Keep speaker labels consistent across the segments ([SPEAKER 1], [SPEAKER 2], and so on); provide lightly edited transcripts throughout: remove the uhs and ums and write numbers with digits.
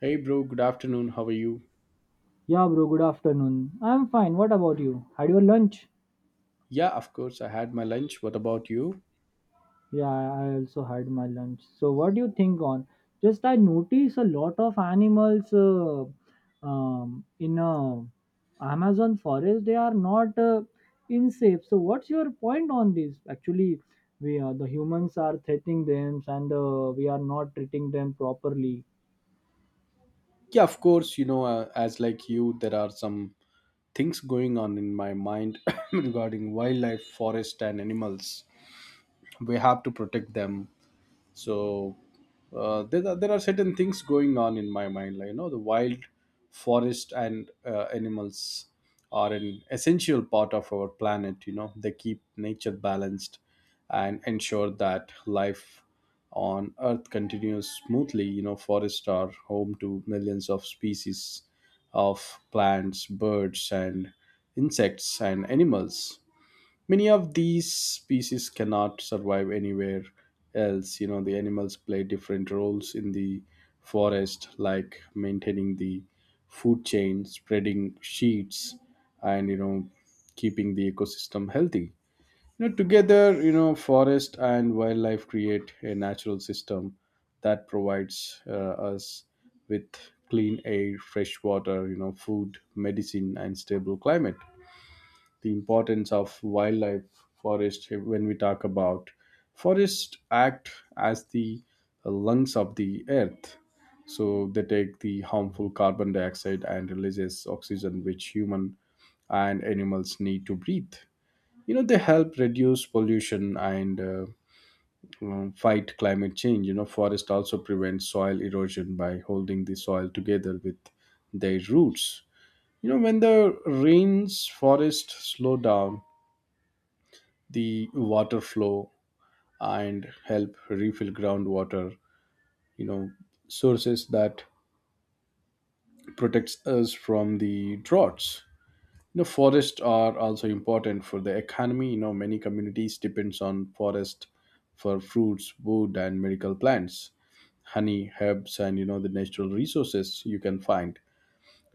[SPEAKER 1] Hey bro, good afternoon. How are you?
[SPEAKER 2] Yeah, bro, good afternoon. I'm fine. What about you? Had your lunch?
[SPEAKER 1] Yeah, of course. I had my lunch. What about you?
[SPEAKER 2] Yeah, I also had my lunch. So, what do you think on? Just I notice a lot of animals in Amazon forest. They are not in safe. So, what's your point on this? Actually, we are the humans are threatening them, and we are not treating them properly.
[SPEAKER 1] Yeah, of course. As like you, there are some things going on in my mind regarding wildlife, forest, and animals. We have to protect them. so there are certain things going on in my mind, like, the wild forest and animals are an essential part of our planet. They keep nature balanced and ensure that life on earth continues smoothly. Forests are home to millions of species of plants, birds, and insects, and animals. Many of these species cannot survive anywhere else. The animals play different roles in the forest, like maintaining the food chain, spreading seeds, and, keeping the ecosystem healthy. Together, forest and wildlife create a natural system that provides us with clean air, fresh water, food, medicine, and stable climate. The importance of wildlife, forest, when we talk about forest, act as the lungs of the earth. So they take the harmful carbon dioxide and releases oxygen which human and animals need to breathe. They help reduce pollution and fight climate change. Forest also prevents soil erosion by holding the soil together with their roots. When the rains, forest slow down the water flow and help refill groundwater, you know sources that protects us from the droughts. Forests are also important for the economy. Many communities depends on forest for fruits, wood, and medical plants, honey, herbs, and, the natural resources you can find.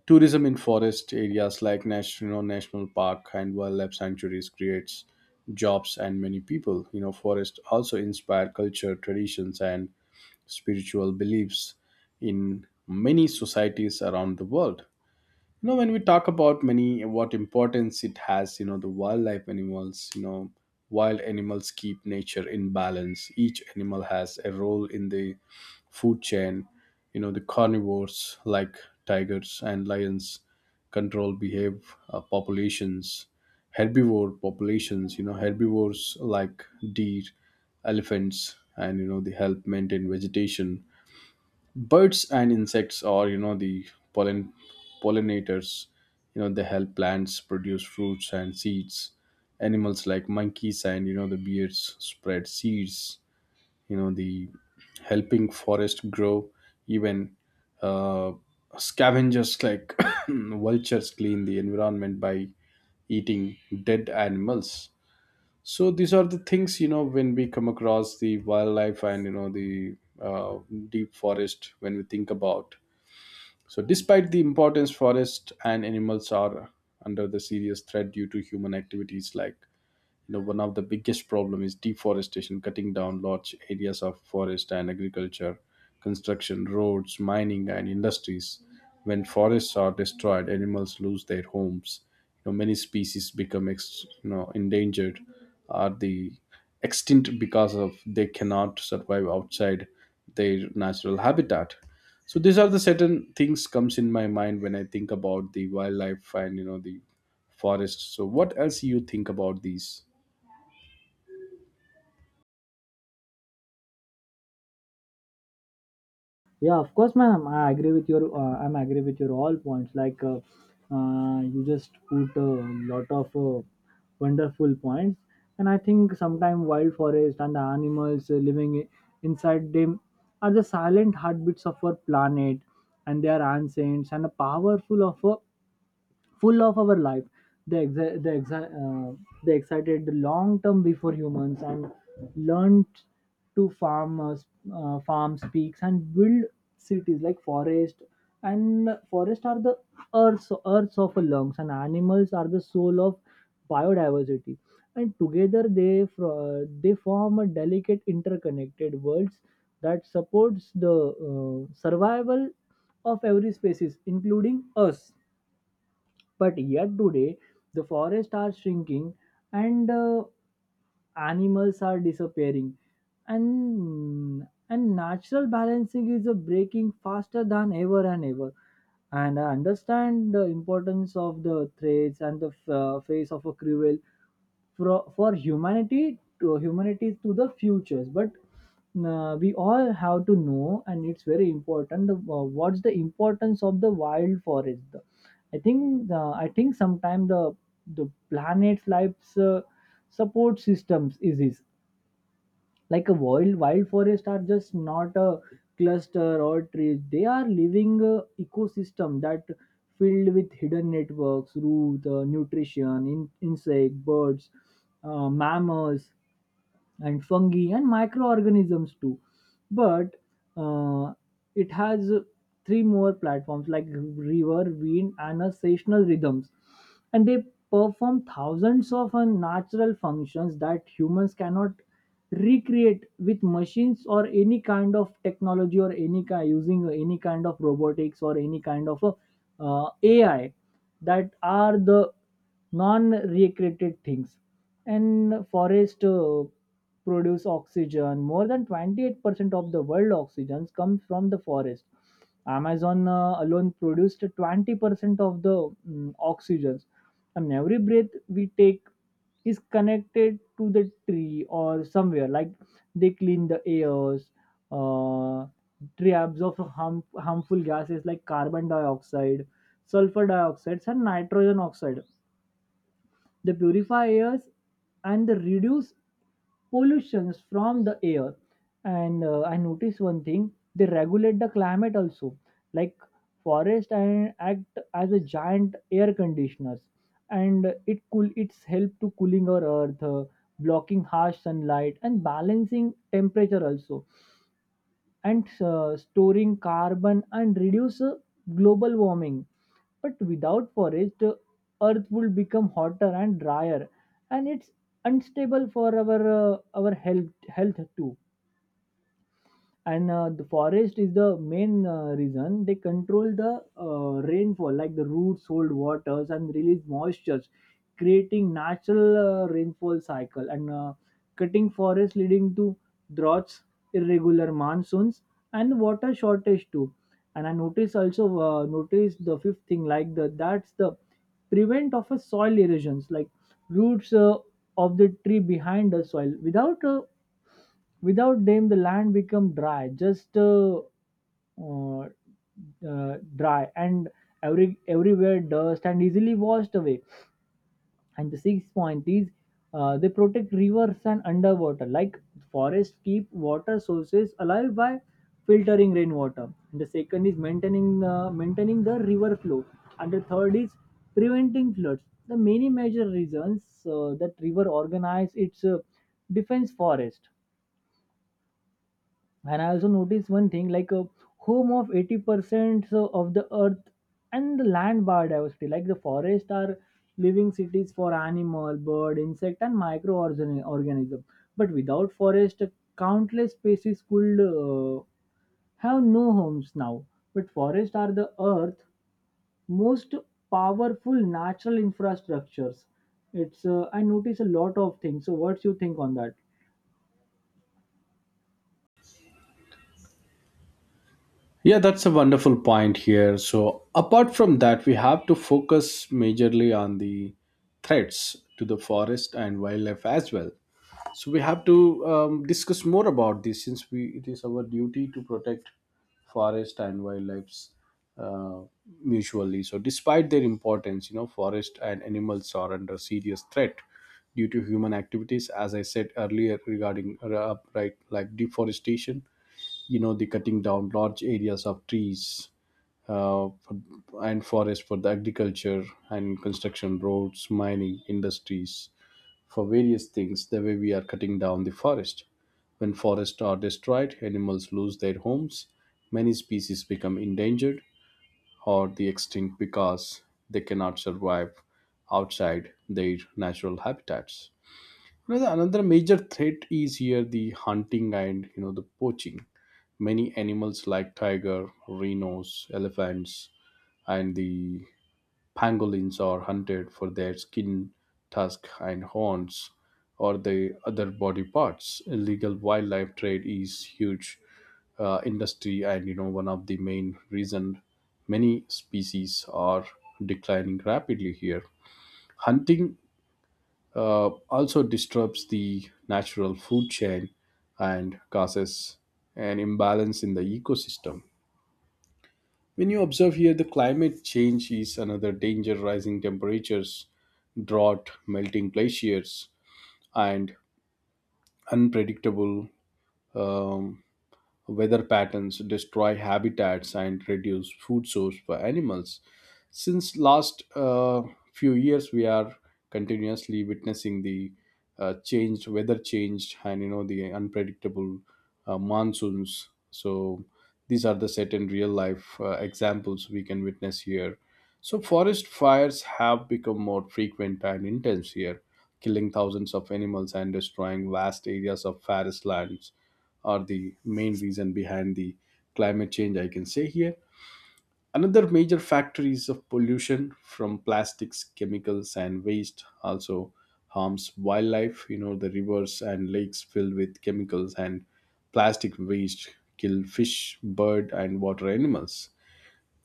[SPEAKER 1] Tourism in forest areas like national park and wildlife sanctuaries creates jobs and many people. You know, forests also inspire culture, traditions, and spiritual beliefs in many societies around the world. You know, when we talk about many what importance it has, you know, the wildlife animals, you know, wild animals keep nature in balance. Each animal has a role in the food chain. You know, the carnivores like tigers and lions control behave populations. Herbivore populations, you know, herbivores like deer, elephants, and, you know, they help maintain vegetation. Birds and insects are, you know, the pollen pollinators. You know, they help plants produce fruits and seeds. Animals like monkeys and, the bears, spread seeds, you know the helping forest grow. Even uh, scavengers like vultures clean the environment by eating dead animals. So these are the things, when we come across the wildlife and, you know the uh, deep forest, when we think about. So despite the importance, forest and animals are under the serious threat due to human activities like, one of the biggest problem is deforestation, cutting down large areas of forest and agriculture, construction, roads, mining, and industries. When forests are destroyed, animals lose their homes. Many species become endangered are the extinct because of they cannot survive outside their natural habitat. So these are the certain things comes in my mind when I think about the wildlife and, you know the forests. So what else you think about these?
[SPEAKER 2] Yeah, of course, ma'am. I agree with your. I'm agree with your all points. Like, you just put a lot of wonderful points, and I think sometimes wild forest and the animals living inside them are the silent heartbeats of our planet, and they are ancients and powerful of a full of our life. They they excited long term before humans and learned to farm speaks and build cities. Like forest are the earths of our lungs, and animals are the soul of biodiversity, and together they form a delicate interconnected worlds that supports the survival of every species including us. But yet today, the forests are shrinking and animals are disappearing, and and natural balancing is a breaking faster than ever and ever. And I understand the importance of the threats and the face of a cruel for humanity to the futures. But we all have to know, and it's very important what's the importance of the wild forest. I think sometimes the planet's life's support systems is this. Like a wild forest are just not a cluster or trees, they are living ecosystem that filled with hidden networks root nutrition insect birds mammals and fungi and microorganisms too. But uh, it has three more platforms like river wind and a seasonal rhythms, and they perform thousands of natural functions that humans cannot recreate with machines or any kind of technology or any kind using any kind of robotics or any kind of AI, that are the non-recreated things. And forest produce oxygen. More than 28% of the world oxygen comes from the forest. Amazon alone produced 20% of the oxygens, and every breath we take is connected to the tree or somewhere. Like, they clean the airs. uh, Tree absorbs harmful gases like carbon dioxide, sulfur dioxide, and nitrogen oxide. They purify airs, and they reduce pollutions from the air. And I noticed one thing: they regulate the climate also, like forest and act as a giant air conditioners, and it cool it's help to cooling our earth, blocking harsh sunlight and balancing temperature also, and storing carbon and reduce global warming. But without forest, the earth will become hotter and drier, and it's unstable for our health too. And the forest is the main reason they control the rainfall. Like the roots hold waters and release moistures creating natural rainfall cycle, and cutting forest leading to droughts, irregular monsoons, and water shortage too. And I notice the fifth thing, like the that's the prevent of a soil erosions. Like roots of the tree behind the soil Without them, the land become dry, just uh, dry, and everywhere dust and easily washed away. And the sixth point is they protect rivers and underwater, like forests keep water sources alive by filtering rainwater. And the second is maintaining the river flow, and the third is preventing floods. The many major reasons that river organize its defense forest. And I also noticed one thing, like a home of 80% so of the earth and the land biodiversity. Like the forest are living cities for animal bird insect and microorganism, but without forest countless species could have no homes now. But forests are the earth most powerful natural infrastructures. It's I notice a lot of things. So what's you think on that?
[SPEAKER 1] Yeah, that's a wonderful point here. So, apart from that, we have to focus majorly on the threats to the forest and wildlife as well. So, we have to discuss more about this, since we it is our duty to protect forest and wildlife uh, mutually. So, despite their importance, you know, forest and animals are under serious threat due to human activities, as I said earlier regarding right, like deforestation. You know, the cutting down large areas of trees uh, for, and forest for the agriculture and construction, roads, mining, industries, for various things, the way we are cutting down the forest. When forests are destroyed, animals lose their homes, many species become endangered or the extinct because they cannot survive outside their natural habitats. You know, the another major threat is here the hunting and, you know, the poaching. Many animals like tiger, rhinos, elephants, and the pangolins are hunted for their skin, tusk, and horns, or the other body parts. Illegal wildlife trade is huge industry, and, you know, one of the main reason many species are declining rapidly here. Hunting also disrupts the natural food chain and causes an imbalance in the ecosystem. When you observe here, the climate change is another danger: rising temperatures, drought, melting glaciers, and unpredictable um, weather patterns destroy habitats and reduce food source for animals. Since last few years we are continuously witnessing the changed and, you know, the unpredictable monsoons. So these are the certain real life examples we can witness here. So forest fires have become more frequent and intense here, killing thousands of animals and destroying vast areas of forest lands, are the main reason behind the climate change, I can say here. Another major factor is of pollution from plastics, chemicals, and waste also harms wildlife. You know, the rivers and lakes filled with chemicals and plastic waste kill fish, bird, and water animals.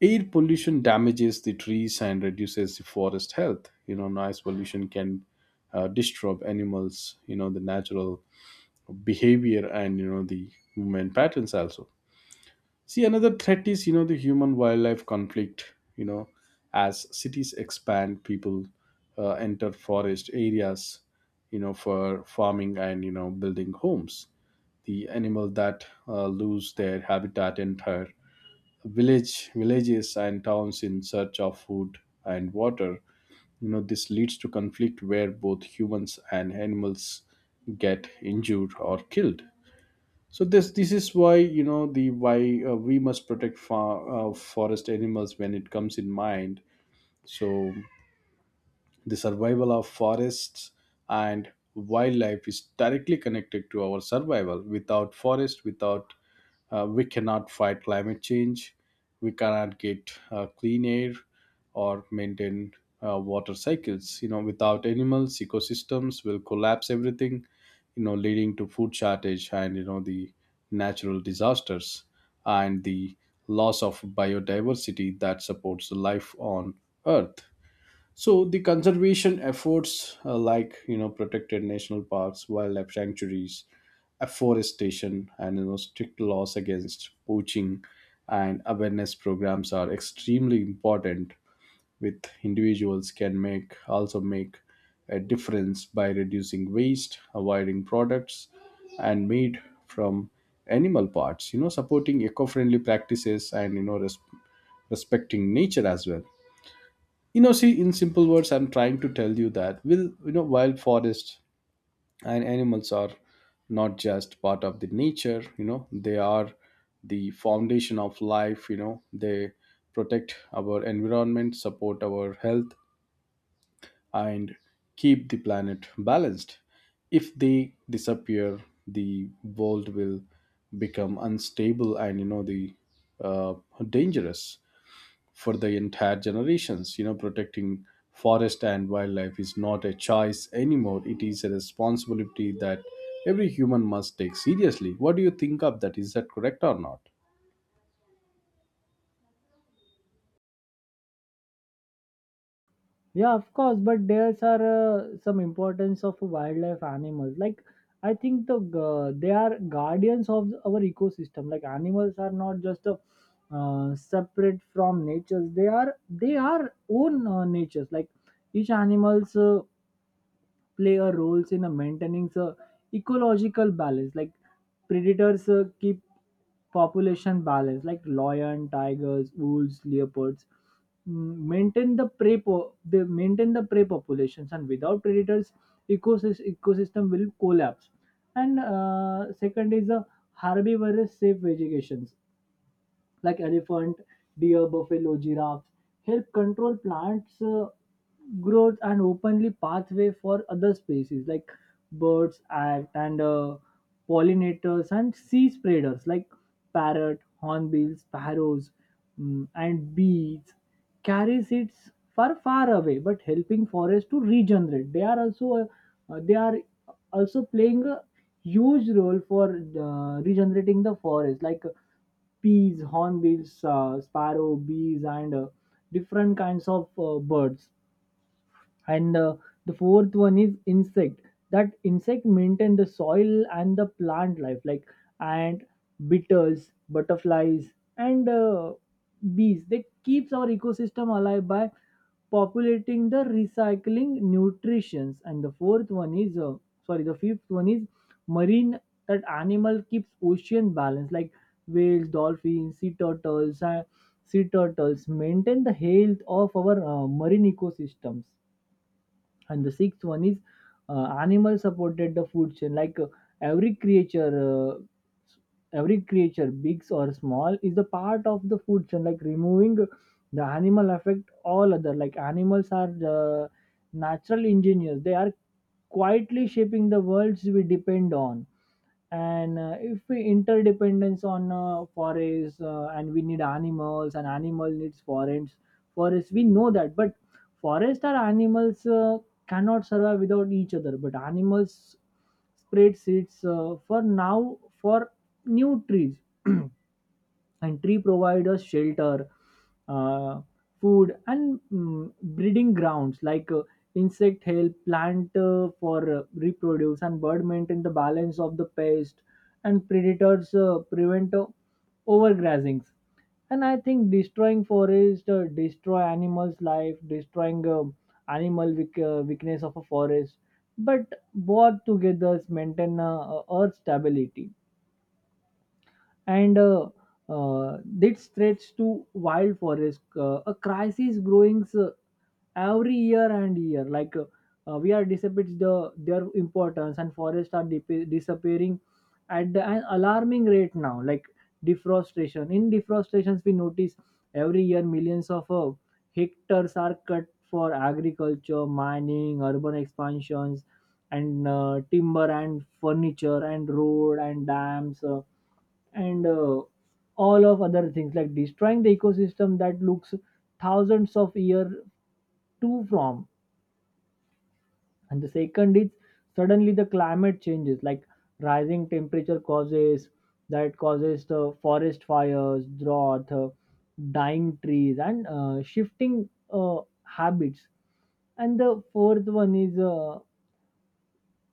[SPEAKER 1] Air pollution damages the trees and reduces the forest health. You know, noise pollution can disturb animals. You know, the natural behavior and, you know, the movement patterns also. See, another threat is, you know, the human wildlife conflict. You know, as cities expand, people enter forest areas, you know, for farming and, you know, building homes. The animal that lose their habitat enter villages and towns in search of food and water. You know, this leads to conflict where both humans and animals get injured or killed. So this is why, you know, the why we must protect forest animals when it comes in mind. So the survival of forests and wildlife is directly connected to our survival. Without forest, without we cannot fight climate change, we cannot get clean air or maintain water cycles. You know, without animals, ecosystems will collapse everything. You know, leading to food shortage and, you know the natural disasters, and the loss of biodiversity that supports life on Earth. So the conservation efforts, like, you know, protected national parks, wildlife sanctuaries, afforestation, and, you know, strict laws against poaching, and awareness programs are extremely important. With individuals can make a difference by reducing waste, avoiding products, and meat from animal parts. You know, supporting eco-friendly practices and, respecting nature as well. You know, see, in simple words, I'm trying to tell you that will, you know, wild forests and animals are not just part of the nature. You know, they are the foundation of life. You know, they protect our environment, support our health, and keep the planet balanced. If they disappear, the world will become unstable and, you know the uh, dangerous for the entire generations. You know, protecting forest and wildlife is not a choice anymore, it is a responsibility that every human must take seriously. What do you think of that, is that correct or not?
[SPEAKER 2] Yeah, of course, but there's are some importance of wildlife animals. Like I think they are guardians of our ecosystem. Like animals are not just separate from natures. They are own natures. Like each animals play a roles in a maintaining the ecological balance, like predators keep population balance like lion tigers wolves leopards maintain the prey po- they maintain the prey populations, and without predators ecosystem will collapse. And second is a herbivorous safe vegetation like elephant, deer, buffalo, giraffe, help control plants' growth and openly pathway for other species like birds act and pollinators and sea spreaders like parrot, hornbills, sparrows, and bees carry seeds far away, but helping forest to regenerate. They are also playing a huge role for regenerating the forest, like peas hornbills sparrow bees and different kinds of birds. And the fourth one is insect, that insect maintain the soil and the plant life like ant beetles butterflies and bees. They keeps our ecosystem alive by populating the recycling nutritions. And the fifth one is marine, that animal keeps ocean balance like whales dolphins sea turtles, and sea turtles maintain the health of our marine ecosystems. And the sixth one is animal supported the food chain, like every creature uh, every creature big or small is the part of the food chain. Like removing the animal affect all other, like animals are the natural engineers. They are quietly shaping the worlds we depend on. And if we interdependence on forests, and we need animals and animal needs forests, we know that. But forests are animals cannot survive without each other, but animals spread seeds for new trees, and tree provide us shelter, uh, food and breeding grounds. Like insect help plant for reproduce, and bird maintain the balance of the pest, and predators prevent overgrazings. And I think destroying forest destroy animals life, destroying animal weakness of a forest. But both together maintain earth stability. And that spreads to wild forest. A crisis growing every year and year. Like we are dissipates the their importance, and forests are disappearing at an alarming rate now. Like deforestation. In deforestations, we notice every year millions of hectares are cut for agriculture, mining, urban expansions, and timber and furniture and road and dams. And all of other things like destroying the ecosystem that looks thousands of year to from. And the second is suddenly the climate changes, like rising temperature causes the forest fires drought. Dying trees and shifting habits. And the fourth one is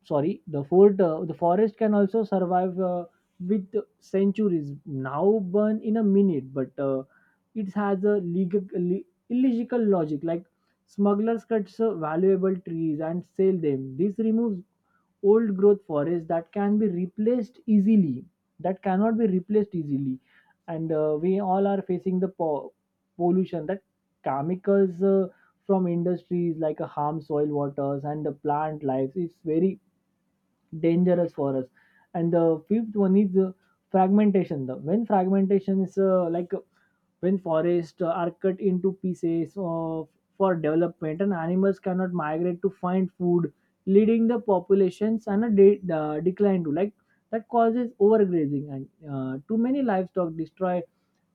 [SPEAKER 2] sorry the fort the forest can also survive with centuries, now burn in a minute. But it has a illogical logic. Like smugglers cuts valuable trees and sell them, this removes old growth forest that cannot be replaced easily. And we all are facing the pollution, that chemicals from industries like harm soil waters and the plant life. It's very dangerous for us. And the fifth one is fragmentation. The when fragmentation is like When forests are cut into pieces for development, and animals cannot migrate to find food, leading the populations and a decline to. Like that causes overgrazing, and too many livestock destroy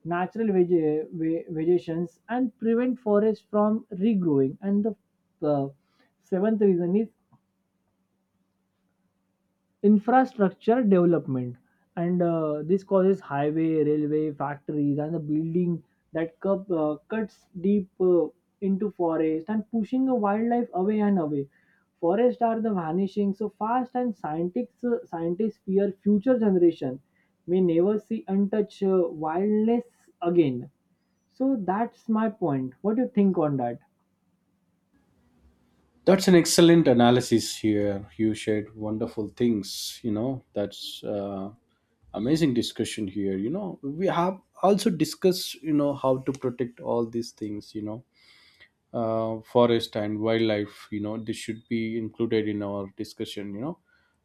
[SPEAKER 2] natural vegetations, and prevent forests from regrowing. And the uh, seventh reason is infrastructure development. And this causes highway railway factories and the building that cuts deep into forest and pushing the wildlife away and away. Forests are the vanishing so fast, and scientists fear future generation may never see untouched wildness again. So that's my point. What do you think on that?
[SPEAKER 1] That's an excellent analysis here, you shared wonderful things, you know, that's amazing discussion here. You know, we have also discussed, you know, how to protect all these things, you know, forest and wildlife, you know, this should be included in our discussion.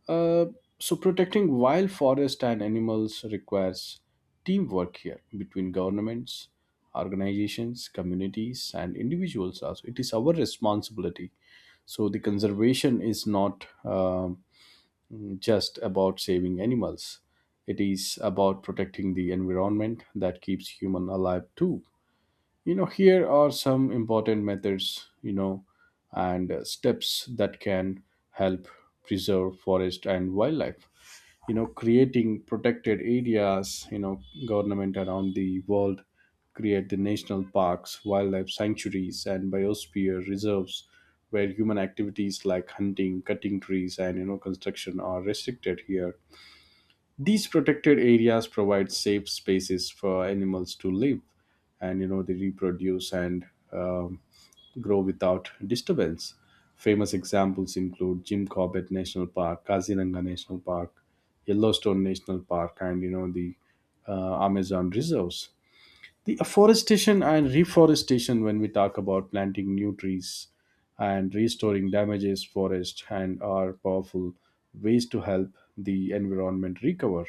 [SPEAKER 1] uh, so protecting wild forest and animals requires teamwork here between governments, organizations, communities, and individuals also, it is our responsibility. So the conservation is not just about saving animals, it is about protecting the environment that keeps human alive too. You know, here are some important methods, you know, and steps that can help preserve forest and wildlife. You know, creating protected areas, you know, government around the world create the national parks, wildlife sanctuaries, and biosphere reserves where human activities like hunting, cutting trees, and, construction are restricted here. These protected areas provide safe spaces for animals to live and, they reproduce and um, grow without disturbance. Famous examples include Jim Corbett National Park, Kaziranga National Park, Yellowstone National Park, and you know the Amazon reserves. The afforestation and reforestation, when we talk about planting new trees and restoring damages forest and are powerful ways to help the environment recover.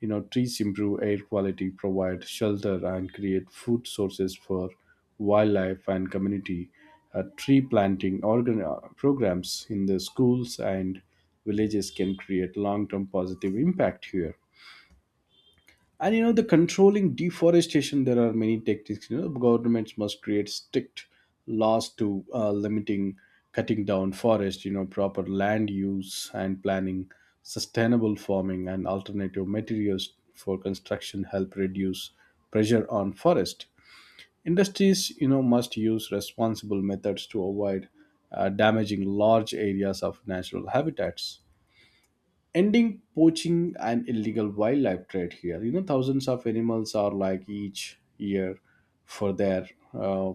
[SPEAKER 1] Trees improve air quality, provide shelter, and create food sources for wildlife and community. Tree planting programs in the schools and villages can create long-term positive impact here. And you know the Controlling deforestation, there are many tactics. Governments must create strict laws to limiting cutting down forest. Proper land use and planning, sustainable farming, and alternative materials for construction help reduce pressure on forest. Industries, must use responsible methods to avoid damaging large areas of natural habitats. Ending poaching and illegal wildlife trade here. You know, thousands of animals are like each year for their uh,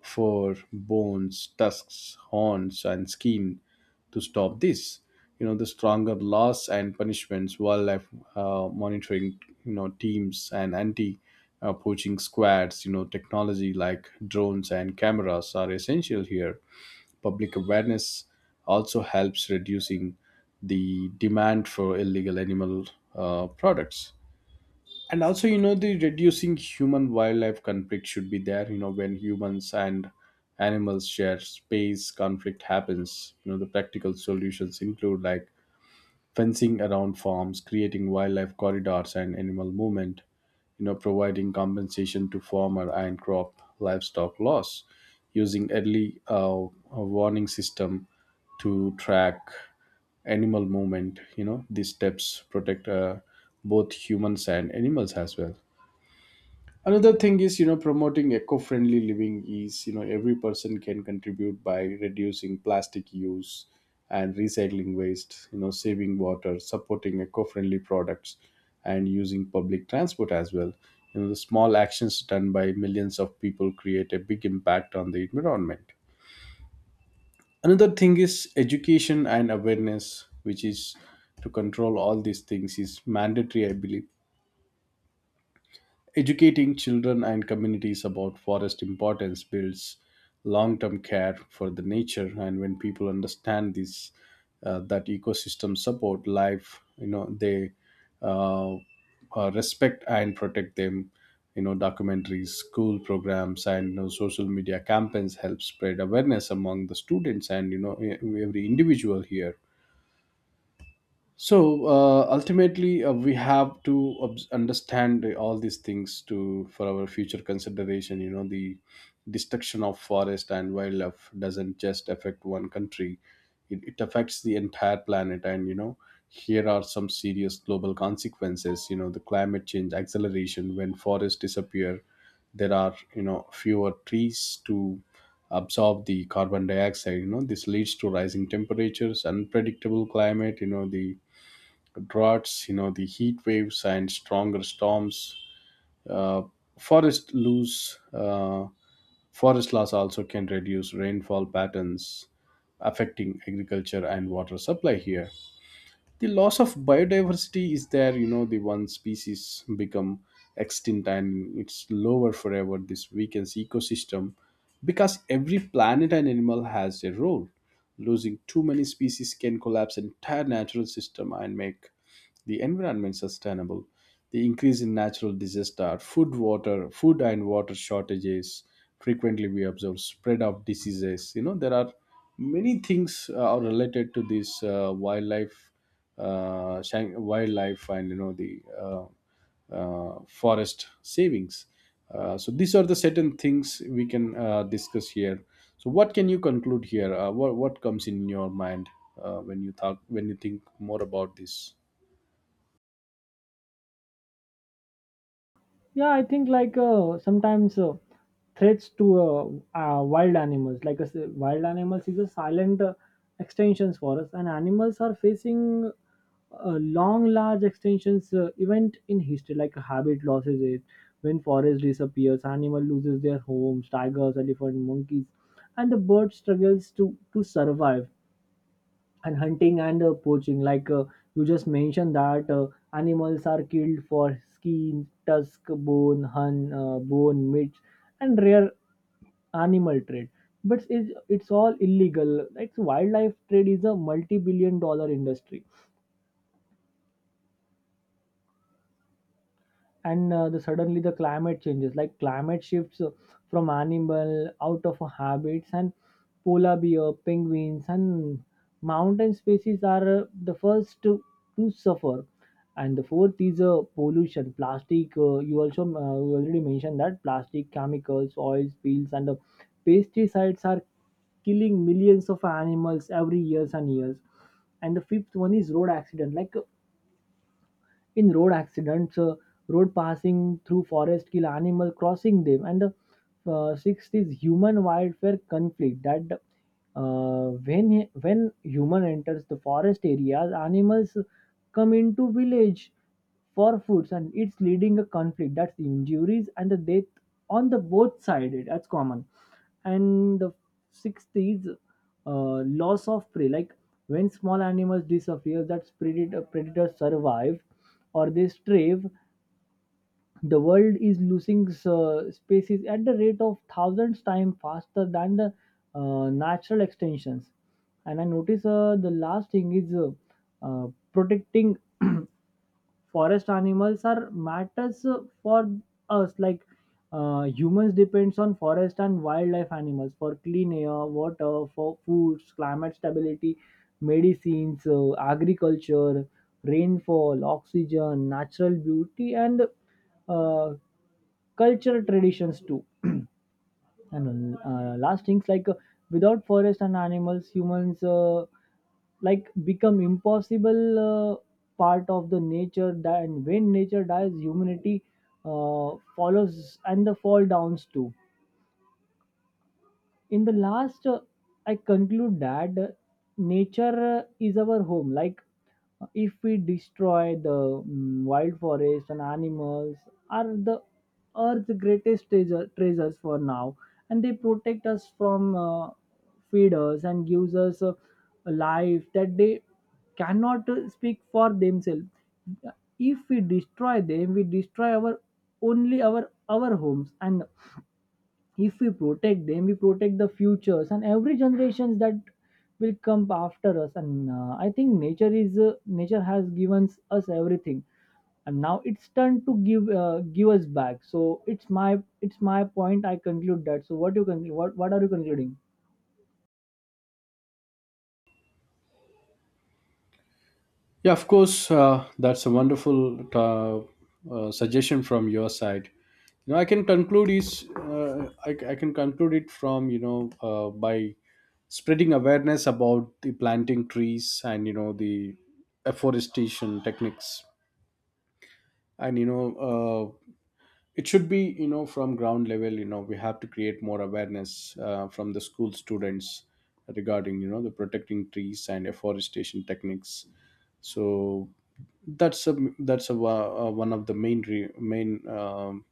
[SPEAKER 1] fur, bones, tusks, horns, and skin. To stop this, the stronger laws and punishments, wildlife monitoring, teams and anti. Poaching squads, technology like drones and cameras are essential here. Public awareness also helps reducing the demand for illegal animal products. And also, you know the reducing human wildlife conflict should be there. When humans and animals share space, conflict happens. You know the Practical solutions include like fencing around farms, creating wildlife corridors and animal movement, providing compensation to farmer and crop livestock loss, using early warning system to track animal movement. You know, these steps protect both humans and animals as well. Another thing is, promoting eco-friendly living is, every person can contribute by reducing plastic use and recycling waste, saving water, supporting eco-friendly products, and using public transport as well. You know the Small actions done by millions of people create a big impact on the environment. Another thing is education and awareness, which is to control all these things is mandatory, I believe. Educating children and communities about forest importance builds long-term care for the nature, and when people understand this, that ecosystem support life, they uh, respect and protect them. You know, documentaries, school programs, and social media campaigns help spread awareness among the students and every individual here. So ultimately, we have to understand all these things to for our future consideration. You know the Destruction of forest and wildlife doesn't just affect one country, it affects the entire planet. And here are some serious global consequences. You know the Climate change acceleration, when forests disappear, there are, fewer trees to absorb the carbon dioxide. This leads to rising temperatures, unpredictable climate, you know the droughts, the heat waves and stronger storms. Uh, forest lose, uh, Forest loss also can reduce rainfall patterns, affecting agriculture and water supply here. The loss of biodiversity is there. You know the One species become extinct and it's lower forever. This weakens ecosystem because every planet and animal has a role. Losing too many species can collapse entire natural system and make the environment sustainable. The increase in natural disaster, food and water shortages, frequently we observe spread of diseases. There are many things are related to this, wildlife wildlife and you know the forest savings. So these are the certain things we can discuss here. So what can you conclude here? What comes in your mind when you talk when you think more about this?
[SPEAKER 2] Yeah, I think like sometimes threats to wild animals, like I wild animals, is a silent extensions for us. And animals are facing a long, large extensions event in history, like habit losses. It When forest disappears, animal loses their homes, tigers, elephant, monkeys, and the bird struggles to survive. And hunting and poaching, like you just mentioned that animals are killed for skin tusk bone meat and rare animal trade. But it's all illegal, like wildlife trade is a multi-billion-dollar industry. And the suddenly the climate changes, like climate shifts from animal out of habits. And polar bear penguins and mountain species are the first to suffer. And the fourth is pollution plastic. You already mentioned that plastic chemicals oils spills and pesticides are killing millions of animals every years and years. And the fifth one is road accident. Like in road accidents, road passing through forest kill animal crossing them. And the sixth is human wildlife conflict. That when human enters the forest areas, animals come into village for foods, and it's leading a conflict, that's the injuries and the death on the both side. That's common. And the sixth is loss of prey, like when small animals disappear, that predators survive, or they strive. The world is losing species at the rate of thousands times faster than the natural extensions. And I notice the last thing is uh, protecting forest animals are matters for us. Like humans depends on forest and wildlife animals for clean air water for foods, climate stability, medicines, agriculture, rainfall, oxygen, natural beauty, and uh, cultural traditions too. And last things, like without forest and animals humans like become impossible part of the nature that. And when nature dies, humanity follows, and the fall downs too. In the last I conclude that nature is our home. Like if we destroy the wild forest, and animals are the earth's greatest treasures for now. And they protect us from feeders and gives us a life that they cannot speak for themselves. If we destroy them, we destroy our only our homes. And if we protect them, we protect the futures and every generations that will come after us. And I think nature has given us everything, and now it's turn to give us back. So it's my point, I conclude that. So what you conclude? What are you concluding?
[SPEAKER 1] Yeah, of course, that's a wonderful suggestion from your side. You know, I can conclude is, uh, I can conclude it from, by spreading awareness about the planting trees and you know the afforestation techniques. And uh, it should be, from ground level. We have to create more awareness from the school students regarding, the protecting trees and afforestation techniques. So one of the main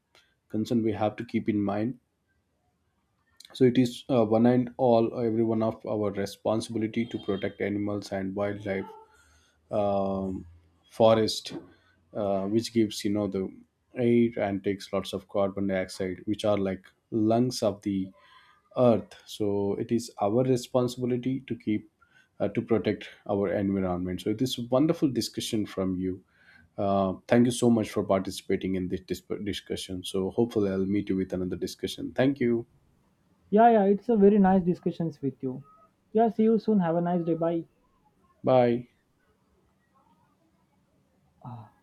[SPEAKER 1] concern we have to keep in mind. So it is, one and all, every one of our responsibility to protect animals and wildlife, um, forest, which gives, the air and takes lots of carbon dioxide, which are like lungs of the earth. So it is our responsibility to keep, to protect our environment. So this wonderful discussion from you, thank you so much for participating in this discussion. So hopefully I'll meet you with another discussion. Thank you.
[SPEAKER 2] Yeah, yeah, it's a very nice discussions with you. Yeah, see you soon. Have a nice day. Bye.
[SPEAKER 1] Bye.